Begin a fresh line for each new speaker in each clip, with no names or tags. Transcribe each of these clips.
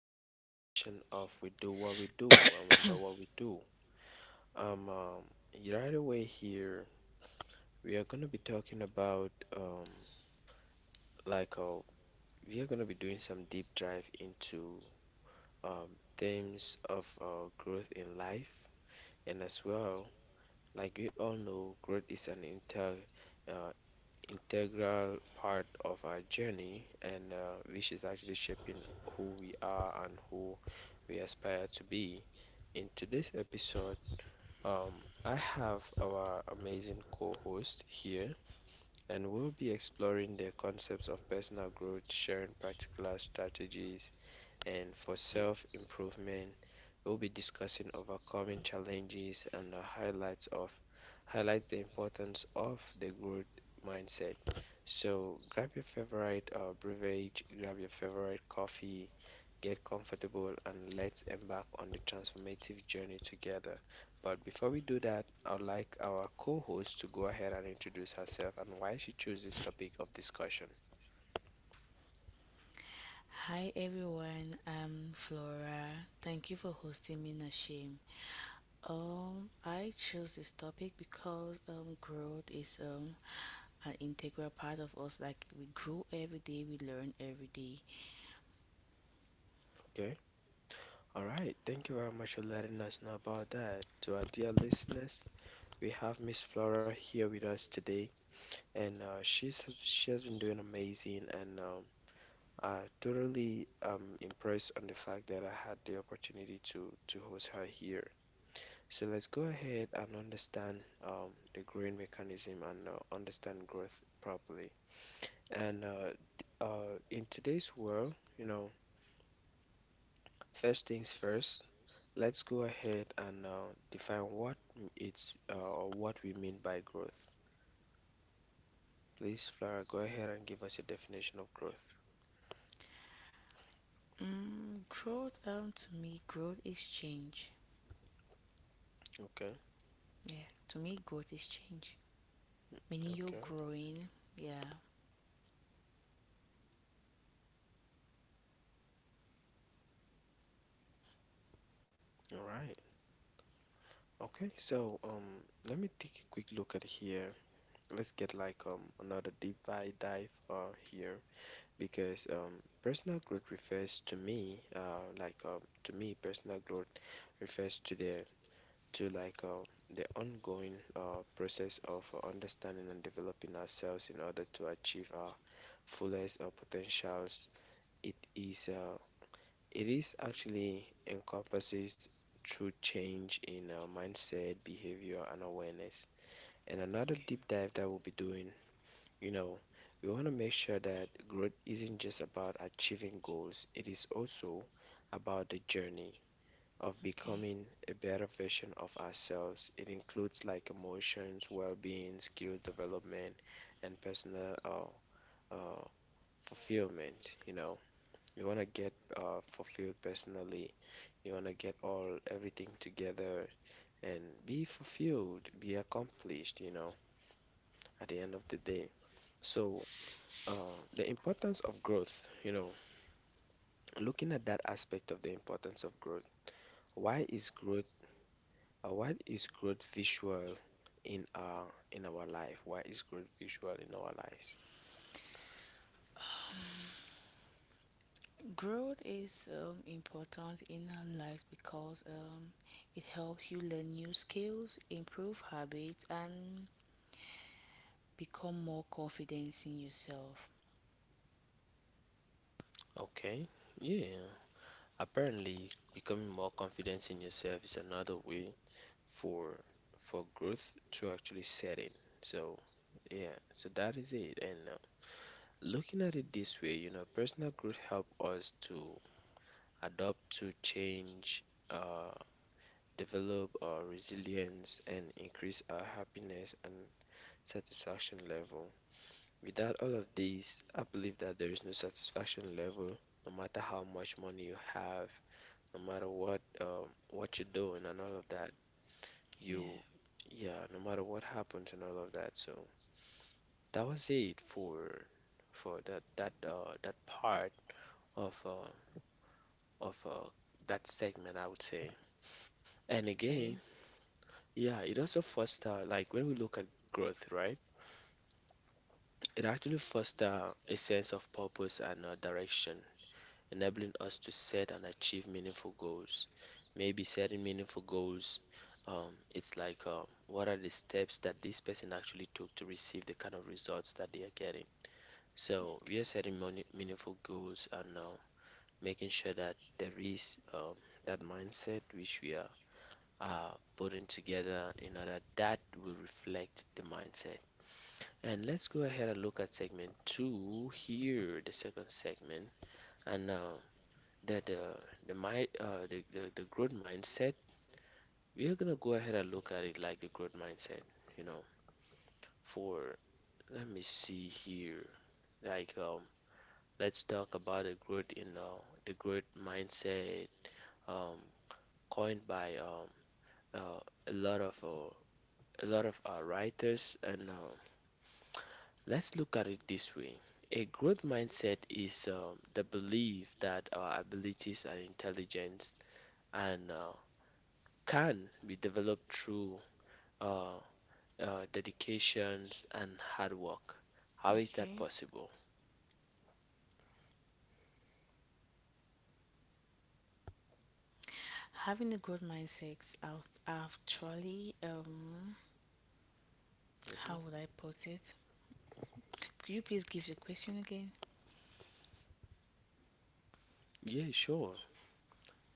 another session of We Do What We Do and We Know What We Do. Um, um, right away here, we are going to be talking about like uh, we are going to be doing some deep dive into themes of growth in life, and as well, like we all know, growth is an inter uh, integral part of our journey, and which is actually shaping who we are and who we aspire to be. In today's episode, I have our amazing co-host here, and we'll be exploring the concepts of personal growth, sharing practical strategies, and for self improvement, we'll be discussing overcoming challenges and the highlights of highlights the importance of the growth mindset. So grab your favorite beverage, grab your favorite coffee, get comfortable, and let's embark on the transformative journey together. But before we do that, I'd like our co-host to go ahead and introduce herself and why she chose this topic of discussion.
Hi everyone, I'm Flora. Thank you for hosting me, Nashim. I chose this topic because growth is an integral part of us. Like we grow every day, we learn every day.
Okay. All right, thank you very much for letting us know about that. To our dear listeners, we have Miss Flora here with us today, and she has been doing amazing, and I totally impressed on the fact that I had the opportunity to host her here. So let's go ahead and understand the growing mechanism and understand growth properly. And uh, in today's world, you know, first things first. Let's go ahead and define what it's or what we mean by growth. Please, Flora, go ahead and give us a definition of growth.
Growth To me, growth is change.
Okay,
Yeah, to me, growth is change. Meaning you're
okay,
growing. Yeah.
all right. Okay, so um, Let me take a quick look at here. Let's get like another deep dive here, because personal growth refers to me like to me personal growth refers to the ongoing process of understanding and developing ourselves in order to achieve our fullest potentials. It is uh, it is actually encompasses through change in mindset, behavior, and awareness. And another
Okay.
deep dive that we'll be doing, you know, we want to make sure that growth isn't just about achieving goals. It is also about the journey of
Okay.
becoming a better version of ourselves. It includes like emotions, well-being, skill development, and personal uh, fulfillment. You know, you want to get fulfilled personally. You want to get all everything together and be fulfilled, be accomplished. You know, at the end of the day. So. The importance of growth, you know, looking at that aspect of the importance of growth, why is growth what is growth visual in our in our life? What is growth visual in our lives?
Growth is important in our lives because it helps you learn new skills, improve habits, and become more confident in yourself.
Okay, yeah. Apparently, becoming more confident in yourself is another way for for growth to actually set in. So, yeah, so that is it. And looking at it this way, you know, personal growth help us to adopt to change, develop our resilience, and increase our happiness and satisfaction level. Without all of these, I believe that there is no satisfaction level, no matter how much money you have, no matter what you're doing and all of that. You,
Yeah.
yeah, no matter what happens and all of that. So that was it for that part of uh, of that segment, I would say. And
Okay.
again, yeah, it also foster like when we look at growth, right? It actually foster a sense of purpose and direction, enabling us to set and achieve meaningful goals. Maybe setting meaningful goals, it's like what are the steps that this person actually took to receive the kind of results that they are getting. So
Okay.
we are setting money, meaningful goals, and making sure that there is that mindset which we are uh, putting together in order that will reflect the mindset. And let's go ahead and look at segment two here, the second segment. And the the the mind the growth mindset, we are gonna go ahead and look at it like the growth mindset, you know, for let me see here, like um let's talk about the growth mindset, um coined by uh, a lot of writers. And let's look at it this way: a growth mindset is the belief that our abilities and intelligence and can be developed through uh, dedications and hard work. How is that
Okay.
possible?
Having a growth mindset out actually how
Mhm.
would I put it? Could you please give the question again?
Yeah, sure.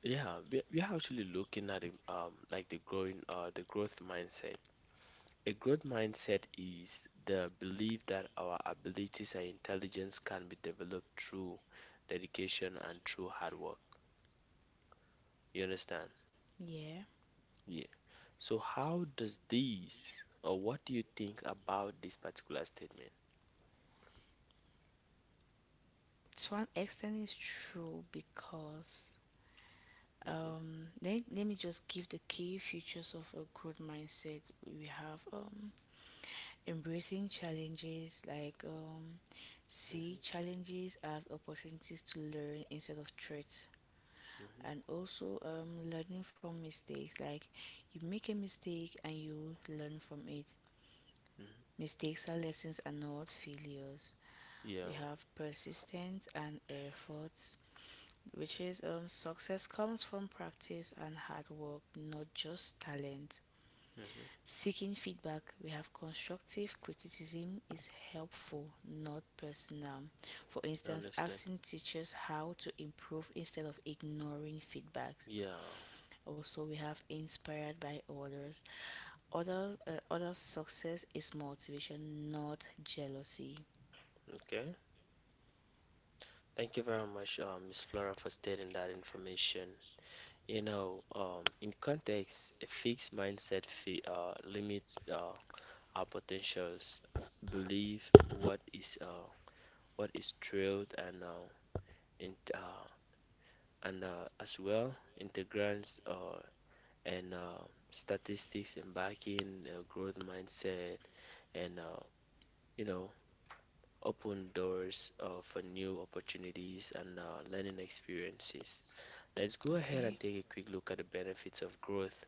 Yeah, we we're actually looking at it, like the growth mindset. A growth mindset is the belief that our abilities and intelligence can be developed through dedication and through hard work. You understand?
Yeah.
Yeah. So how does this, or what do you think about this particular statement?
To an extent it's true because
Hmm.
let me just give the key features of a growth mindset. We have embracing challenges, like see challenges as opportunities to learn instead of threats. And
Hmm.
also learning from mistakes, like you make a mistake and you learn from it.
Mhm.
Mistakes are lessons and not failures. We
Yeah.
have persistence and effort, which is, success comes from practice and hard work, not just talent.
Hmm.
Seeking feedback, we have constructive criticism is helpful, not personal. For instance,
Honestly.
asking teachers how to improve instead of ignoring feedbacks.
Yeah.
Also, we have inspired by others. Others, others' success is motivation, not jealousy.
Okay. Thank you very much, Ms. Flora, for stating that information. You know, in context, a fixed mindset fi limits our potentials. Believe what is drilled and in, uh, as well integrants and statistics and backing growth mindset and you know open doors for new opportunities and learning experiences. Let's go ahead and
Okay.
take a quick look at the benefits of growth,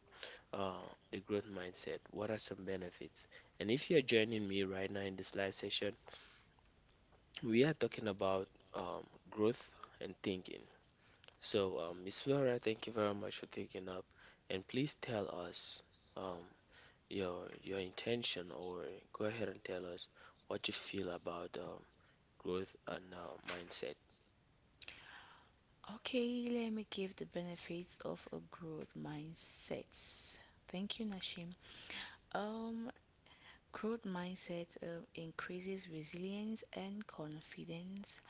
uh, the growth mindset. What are some benefits? And if you're joining me right now in this live session, we are talking about um, growth and thinking. So, Ms. Vera, thank you very much for taking up, and please tell us um, your intention, or go ahead and tell us what you feel about growth and mindset.
Okay, let me give the benefits of a growth mindset. Thank you, Nashim. Um, growth mindset increases resilience and confidence,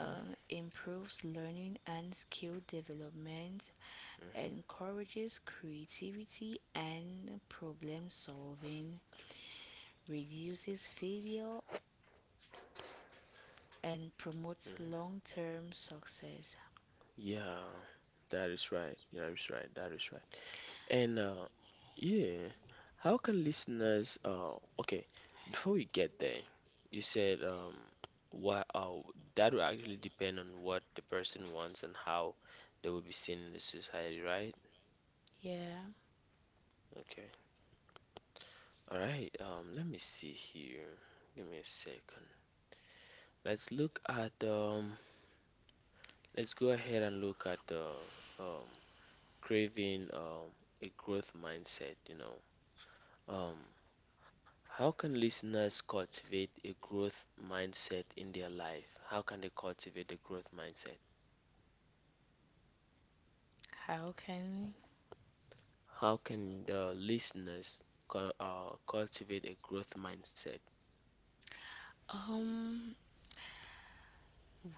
improves learning and skill development,
Hmm.
encourages creativity and problem solving, reduces failure, and promotes
Hmm.
long term success.
Yeah, that is right. That is right. That is right. And yeah, how can listeners? Okay, before we get there, you said what? That will actually depend on what the person wants and how they will be seen in the society, right?
Yeah,
Okay. All right. Let me see here. Give me a second. Let's look at. Let's go ahead and look at the um craving a growth mindset, you know. Um, how can listeners cultivate a growth mindset in their life? How can they cultivate the growth mindset?
how can
How can the listeners cultivate a growth mindset?
um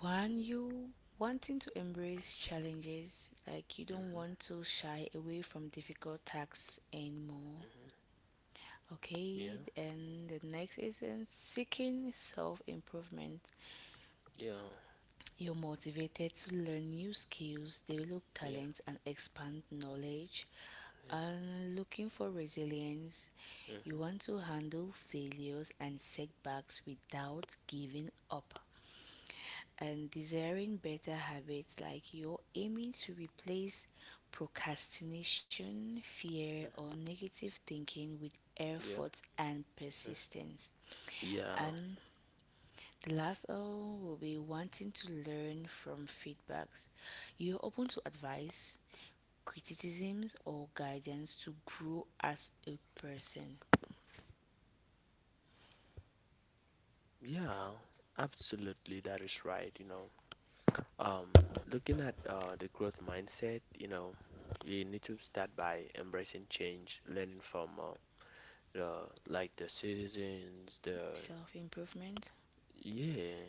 when you wanting to embrace challenges, like you don't want
Hmm.
to shy away from difficult tasks anymore.
Hmm.
Okay,
Yeah,
and the next is, seeking self improvement.
yeah,
You're motivated to learn new skills, develop
yeah,
talents, and expand knowledge. And looking for resilience,
yeah, hmm
you want to handle failures and setbacks without giving up. And desiring better habits, like you're aiming to replace procrastination, fear, or negative thinking with
yeah,
effort and
mm.
persistence.
yeah,
And the last O will be wanting to learn from feedbacks. You're open to advice, criticisms, or guidance to grow as a person.
yeah. Absolutely, that is right, you know. Um, Looking at the growth mindset, you know, you need to start by embracing change, learning from the the citizens, the
Self improvement,
yeah,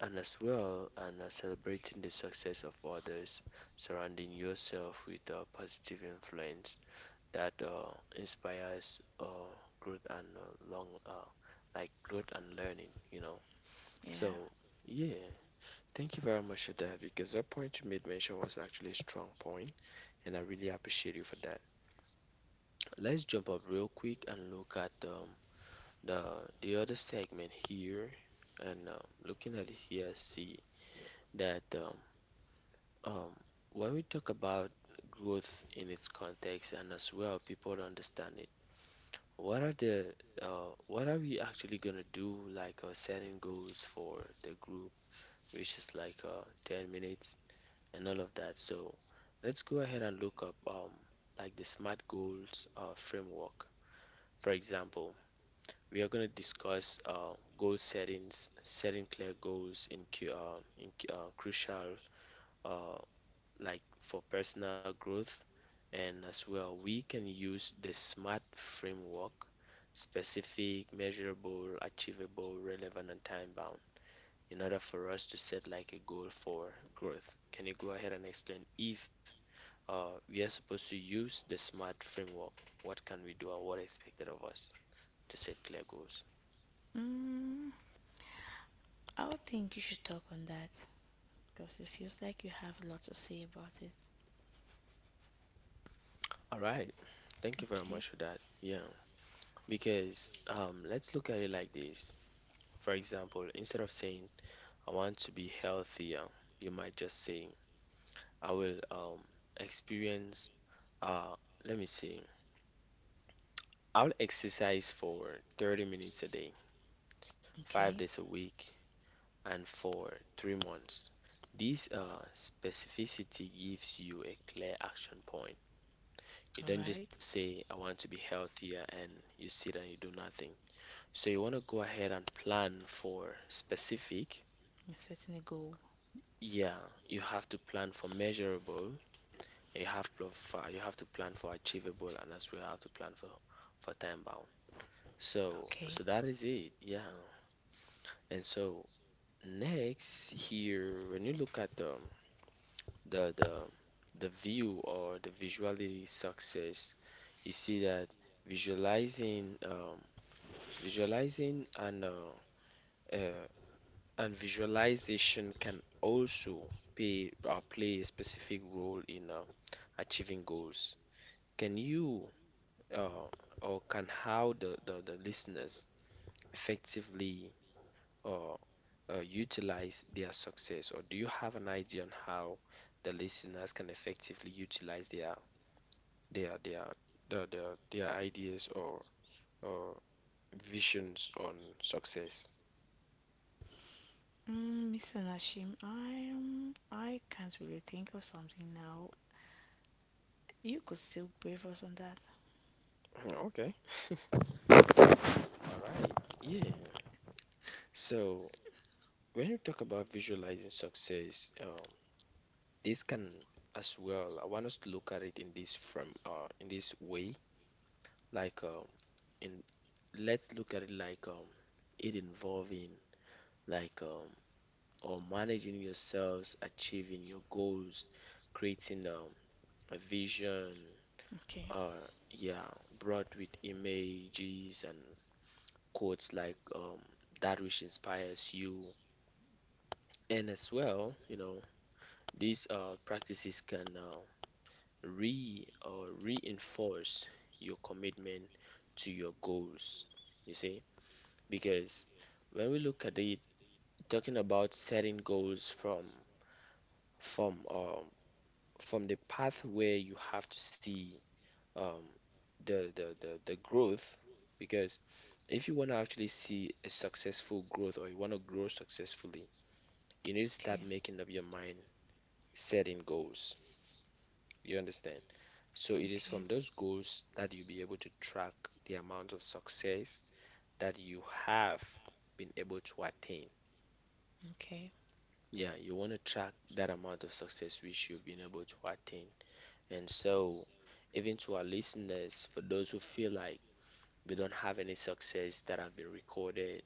and as well, and celebrating the success of others, surrounding yourself with positive influence that inspires growth and long like growth and learning, you know.
yeah.
So yeah. Thank you very much for that, because that point you made mention was actually a strong point, and I really appreciate you for that. Let's jump up real quick and look at the the other segment here, and looking at it here, I see that um, when we talk about growth in its context and as well people to understand it, what are the what are we actually gonna do like setting goals for the group, which is like 10 minutes and all of that. So let's go ahead and look up like the SMART goals framework. For example, we are going to discuss goal settings, setting clear goals in crucial uh, for personal growth, and as well we can use the SMART framework, specific, measurable, achievable, relevant, and time bound in order for us to set like a goal for growth. Can you go ahead and explain if we are supposed to use the SMART framework? What can we do and what expected of us to set clear goals?
Mm, I would think you should talk on that because it feels like you have a lot to say about it.
All right. Thank you very
Okay,
much for that. Yeah. Because let's look at it like this. For example, instead of saying, I want to be healthier, you might just say, I will experience, uh, let me see, I'll exercise for 30 minutes a day, five
okay,
days a week, and for 3 months. This specificity gives you a clear action point. You
all
don't just
right.
say, I want to be healthier, and you sit and you do nothing. So you want to go ahead and plan for specific.
You're setting a goal.
Yeah, you have to plan for measurable. You you have to plan for achievable, and as well you have to plan for time bound. So
Okay.
that is it. Yeah. And so next here, when you look at the the the view or the visuality success, you see that visualizing um, visualizing uh, and visualization can also pay play a specific role in achieving goals. Can you uh, or can how the listeners effectively uh, utilize their success, or do you have an idea on how the listeners can effectively utilize their their their ideas or visions on success.
Mm, Mr. Nashim, I can't really think of something now. You could still brief us on that.
Okay, all right, yeah. So when you talk about visualizing success, this can as well. I want us to look at it in this from in this way, like in let's look at it like it involving like um or managing yourselves, achieving your goals, creating a vision,
Okay.
uh yeah brought with images and quotes that which inspires you, and as well, you know, these practices can re or reinforce your commitment to your goals, you see, because when we look at it, talking about setting goals from um from the path where you have to see um, the growth. Because if you want to actually see a successful growth, or you want to grow successfully, you need to start making up your mind, setting goals. You understand? So
Okay.
it is
Okay.
from those goals that you'll be able to track the amount of success that you have been able to attain.
Okay.
Yeah, you want to track that amount of success which you've been able to attain. And so, even to our listeners, for those who feel like we don't have any success that have been recorded.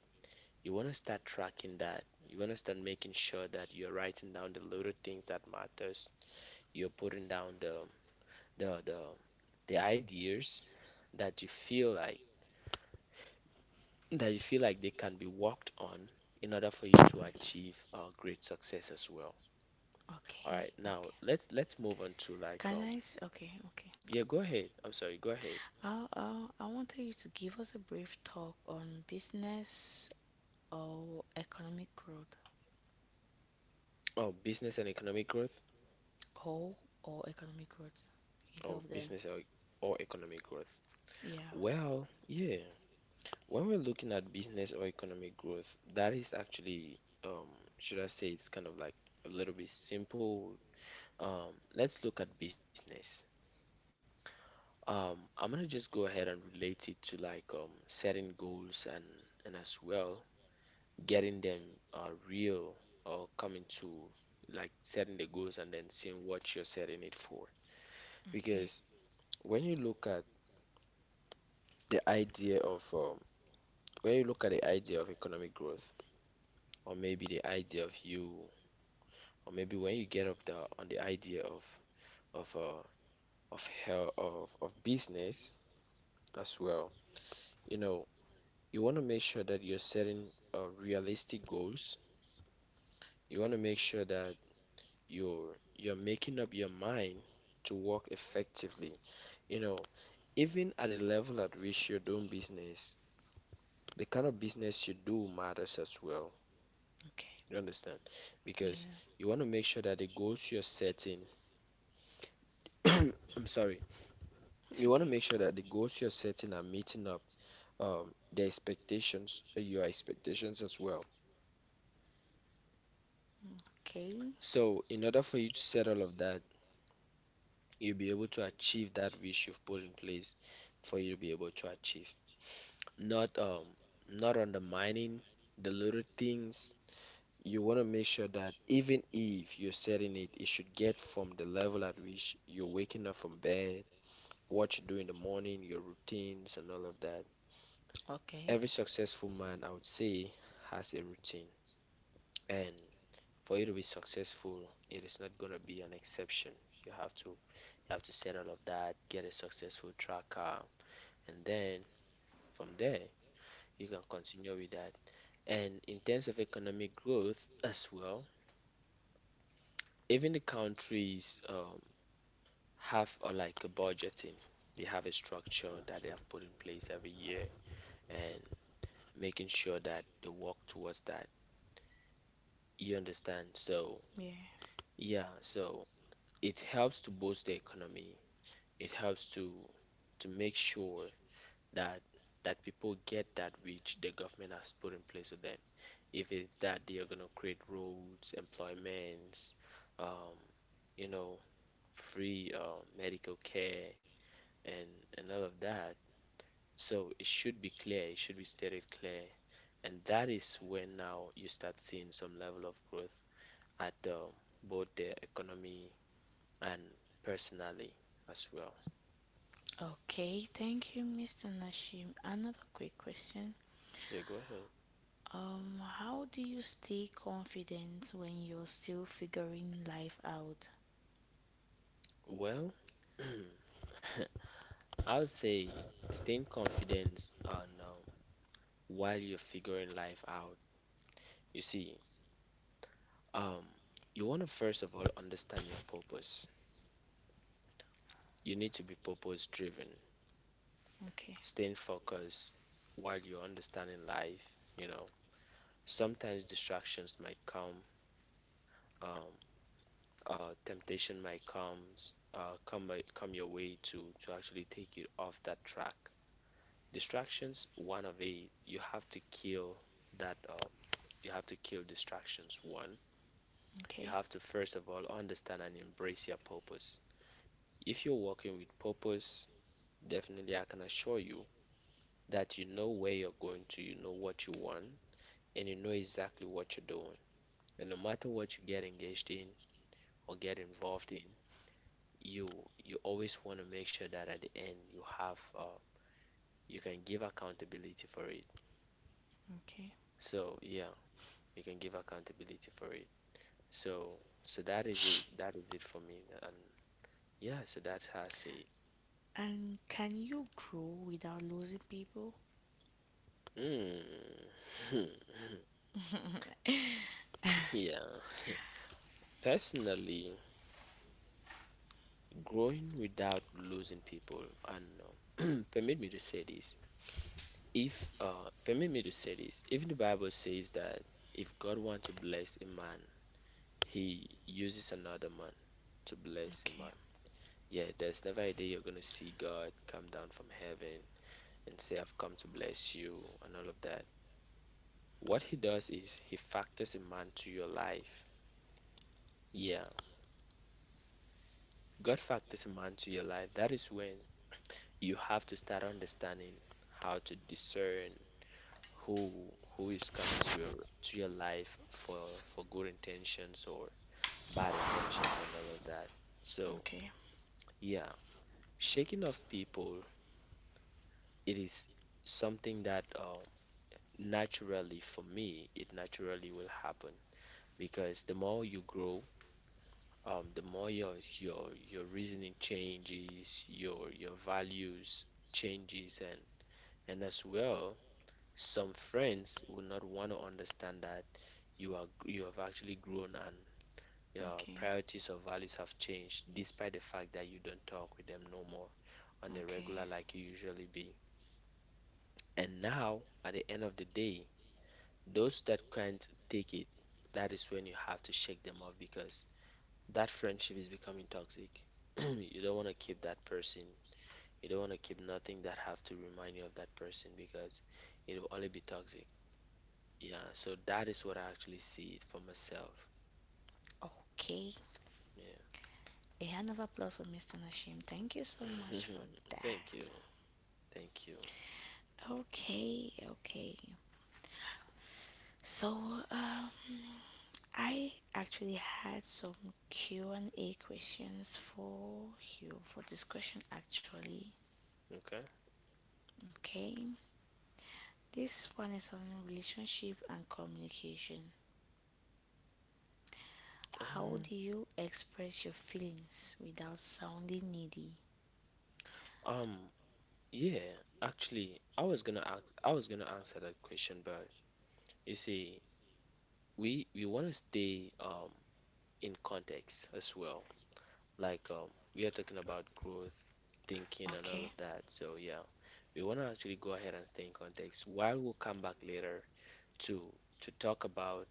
You want to start tracking that. You want to start making sure that you're writing down the little things that matters. You're putting down the the ideas that you feel like, they can be worked on in order for you to
Right.
achieve great success as well. All
Okay.
right, now
Okay.
let's move on to like
Okay. Okay.
yeah, go ahead. I'm sorry, go ahead.
I wanted you to give us a brief talk on business or economic growth.
Oh, business and economic growth.
Or or economic growth. Either
Oh,
of them.
business or economic growth.
Yeah.
Well, yeah. When we're looking at business or economic growth, that is actually, um, should I say, it's kind of like a little bit simple. Let's look at business. I'm gonna just go ahead and relate it to like setting goals, and as well getting them real or coming to, like, setting the goals and then seeing what you're setting it for.
Okay.
Because when you look at the idea of when you look at the idea of economic growth, or maybe the idea of you, or maybe when you get up the on the idea of uh of hell of business as well, you know, you want to make sure that you're setting realistic goals. You want to make sure that you're making up your mind to work effectively. You know, even at the level at which you're doing business, the kind of business you do matters as well.
Okay.
You understand? Because
Yeah.
you want to make sure that the goals you're setting, I'm sorry,
It's
you want to
okay.
make sure that the goals you're setting are meeting up the expectations, your expectations as well.
Mm. Okay.
So, in order for you to set all of that, you'll be able to achieve that which you've put in place for you to be able to achieve. Not not undermining the little things. You want to make sure that even if you're setting it, it should get from the level at which you're waking up from bed, what you do in the morning, your routines, and all of that.
Okay.
Every successful man, I would say, has a routine. And for you to be successful, it is not going to be an exception. You have to set all of that, get a successful tracker, and then from there, you can continue with that. And in terms of economic growth as well, even the countries have like a budgeting. They have a structure that they have put in place every year, and making sure that they work towards that. You understand? So
Yeah.
yeah, so it helps to boost the economy. It helps to make sure that that people get that which the government has put in place for them. If it's that they are gonna create roads, employments, um, you know, free medical care and and all of that. So it should be clear, it should be stated clear. And that is when now you start seeing some level of growth at both the economy and personally as well.
Okay, thank you, Mr. Nashim. Another quick question.
Yeah, go ahead.
How do you stay confident when you're still figuring life out?
Well, I would say staying confident on while you're figuring life out. You see, um, you want to first of all understand your purpose. You need to be purpose driven,
Okay,
staying focused while you're understanding life. You know, sometimes distractions might come, um, temptation might come your way to actually take you off that track. Distractions, one of a you have to kill that you have to kill distractions. One, you
okay,
have to first of all understand and embrace your purpose. If you're working with purpose, definitely I can assure you that you know where you're going to, you know what you want, and you know exactly what you're doing. And no matter what you get engaged in or get involved in, you you always want to make sure that at the end you have you can give accountability for it.
okay.
So yeah, you can give accountability for it. So so that is it. That is it for me. And yeah, so that has it.
And can you grow without losing people?
Mm. Yeah. Personally, growing without losing people, I don't know. Permit me to say this. If permit me to say this. Even the Bible says that if God wants to bless a man, he uses another man to bless a
Okay,
man. Yeah, there's never a day you're gonna see God come down from heaven and say, I've come to bless you and all of that. What he does is he factors a man to your life. Yeah, God factors a man to your life. That is when you have to start understanding how to discern who who is coming to your life for good intentions or bad intentions and all of that. So,
okay,
yeah, shaking off people, it is something that naturally for me, it naturally will happen because the more you grow, the more your reasoning changes, your values changes, and as well, some friends will not want to understand that you have actually grown, and your
okay,
priorities or values have changed, despite the fact that you don't talk with them no more on a
okay,
regular like you usually be. And now, at the end of the day, those that can't take it, that is when you have to shake them off because that friendship is becoming toxic. You don't want to keep that person. You don't want to keep nothing that have to remind you of that person, because it will only be toxic. Yeah, so that is what I actually see it for myself.
okay. A hand of applause for Mr. Nashim. Thank you so
Yeah.
much for
Thank you.
that.
Thank you.
Okay, okay. So, um, I actually had some Q and A questions for you for discussion actually.
Okay.
Okay. This one is on relationship and communication. How do
Um,
you express your feelings without sounding needy?
um, yeah, actually, I was gonna ask, I was gonna answer that question, but you see, we want to stay in context as well. Like we are talking about growth, thinking, and all
Okay.
of that. So yeah, we want to actually go ahead and stay in context. While we'll come back later to to talk about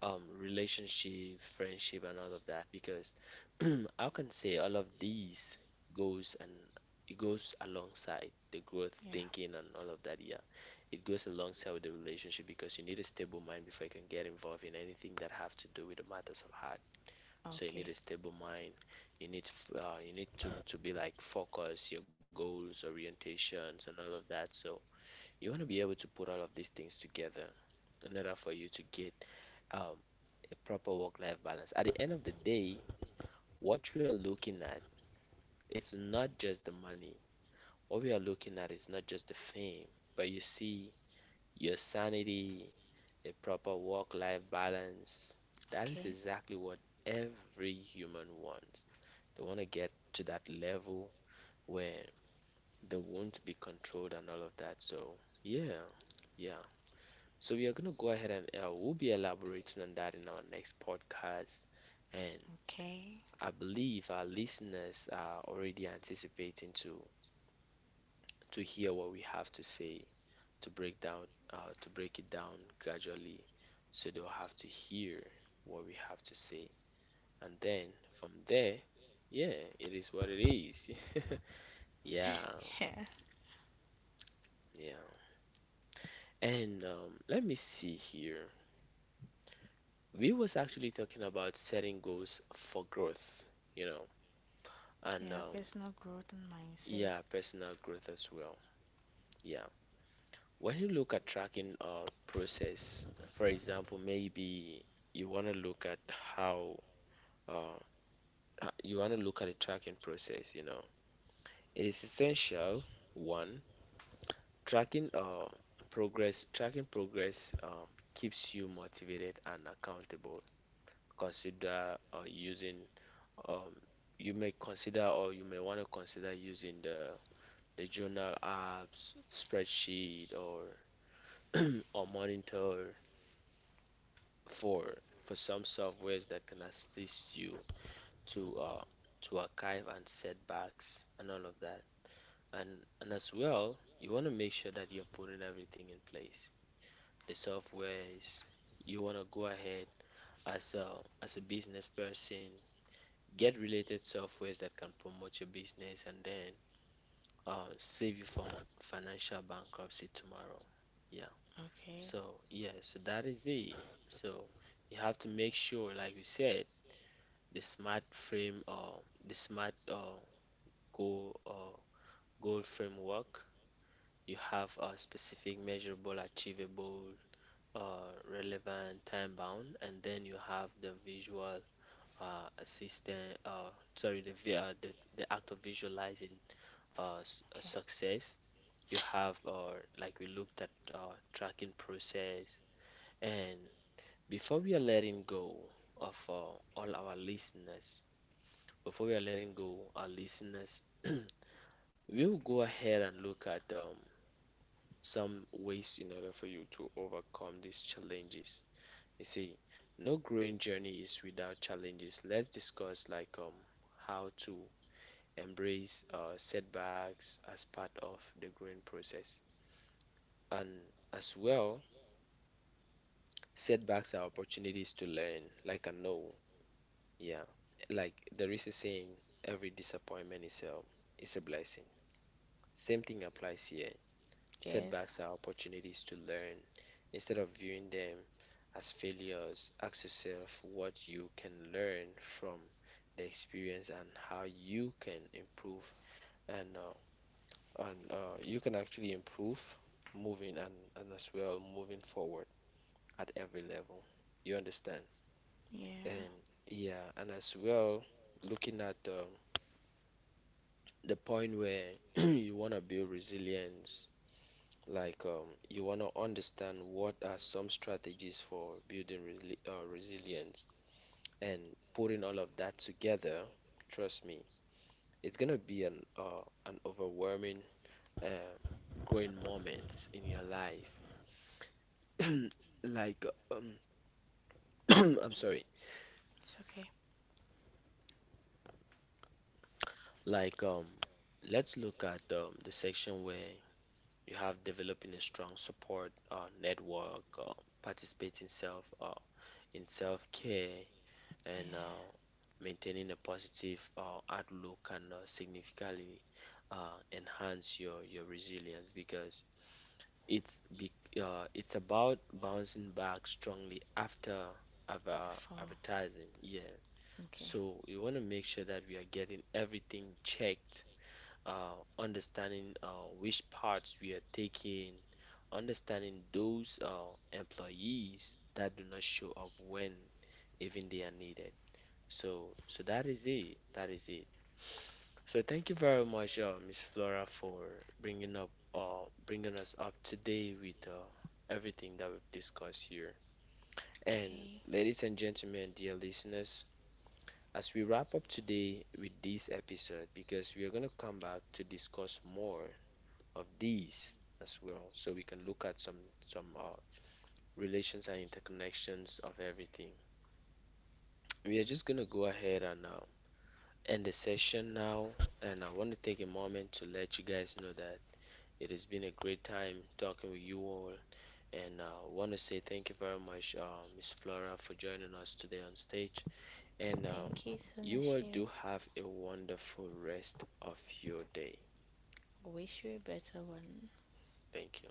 relationship, friendship, and all of that, because I can say all of these goes, and it goes alongside the growth
Yeah.
thinking and all of that. Yeah, it goes alongside with the relationship because you need a stable mind before you can get involved in anything that have to do with the matters of heart. So you
Okay.
need a stable mind. You need you need to be like focus, your goals, orientations, and all of that. So you want to be able to put all of these things together in order for you to get um, a proper work-life balance. At the end of the day, what we are looking at, it's not just the money. What we are looking at is not just the fame, but you see your sanity, a proper work life balance. That is
Okay.
exactly what every human wants. They want to get to that level where they won't be controlled and all of that. So, yeah, yeah. So, we are going to go ahead and we'll be elaborating on that in our next podcast. And
Okay.
I believe our listeners are already anticipating to hear what we have to say, to break down, to break it down gradually, so they'll have to hear what we have to say. And then from there, yeah, it is what it is. Yeah,
Yeah.
yeah. And Let me see here. We was actually talking about setting goals for growth, you know, and
Yeah, personal growth and mindset.
yeah, personal growth as well. Yeah. When you look at tracking process, for example, maybe you want to look at how uh, you want to look at the tracking process, you know, it is essential, one, tracking progress, tracking progress keeps you motivated and accountable.
As
Consider um, you may consider or you may want to consider using the journal apps, spreadsheet, or monitor for for some softwares that can assist you to uh, to archive and setbacks and all of that. And and as well, you want to make sure that you're putting everything in place. The softwares you want to go ahead as a as a business person, get related softwares that can promote your business and then save you from financial bankruptcy tomorrow. Yeah.
Okay.
So yeah, so that is it. So you have to make sure, like we said, the smart frame or the smart goal or goal framework. You have a specific, measurable, achievable, relevant, time bound, and then you have the visual assistant. Sorry, the, vi- the act of visualizing a
Okay.
success. You have, like we looked at, tracking process, and before we are letting go of all our listeners, before we are letting go our listeners, we'll go ahead and look at some ways in order for you to overcome these challenges. You see, no growing journey is without challenges. Let's discuss like how to embrace setbacks as part of the growing process. And as well, setbacks are opportunities to learn, like I know. Yeah. Like there is a saying, every disappointment is a blessing. Same thing applies here.
Yes,
Setbacks are opportunities to learn. Instead of viewing them as failures, ask yourself what you can learn from the experience and how you can improve and you can actually improve moving and, and as well moving forward at every level. You understand?
yeah.
And yeah, and as well looking at the point where you want to build resilience. Like, you want to understand what are some strategies for building resilience, and putting all of that together, trust me, it's gonna be an overwhelming uh, growing moment in your life. Like, um, I'm sorry.
It's okay.
Like, let's look at the section where you have developing a strong support network, participating self in self-care, and
Yeah.
maintaining a positive outlook can significantly enhance your resilience, because it's be, it's about bouncing back strongly after
Four.
advertising. Yeah.
Okay.
So we want to make sure that we are getting everything checked, understanding which parts we are taking, understanding those employees that do not show up when even they are needed. So that is it. That is it. So thank you very much, Miss Flora, for bringing us up today with everything that we've discussed here. And ladies and gentlemen, dear listeners,
Okay.
as we wrap up today with this episode, because we are gonna come back to discuss more of these as well, so we can look at some relations and interconnections of everything. We are just gonna go ahead and end the session now, and I want to take a moment to let you guys know that it has been a great time talking with you all. And I want to say thank you very much, Miss Flora, for joining us today on stage. And
Thank you,
You all
Sunashim.
do have a wonderful rest of your day.
Wish you a better one.
Thank you.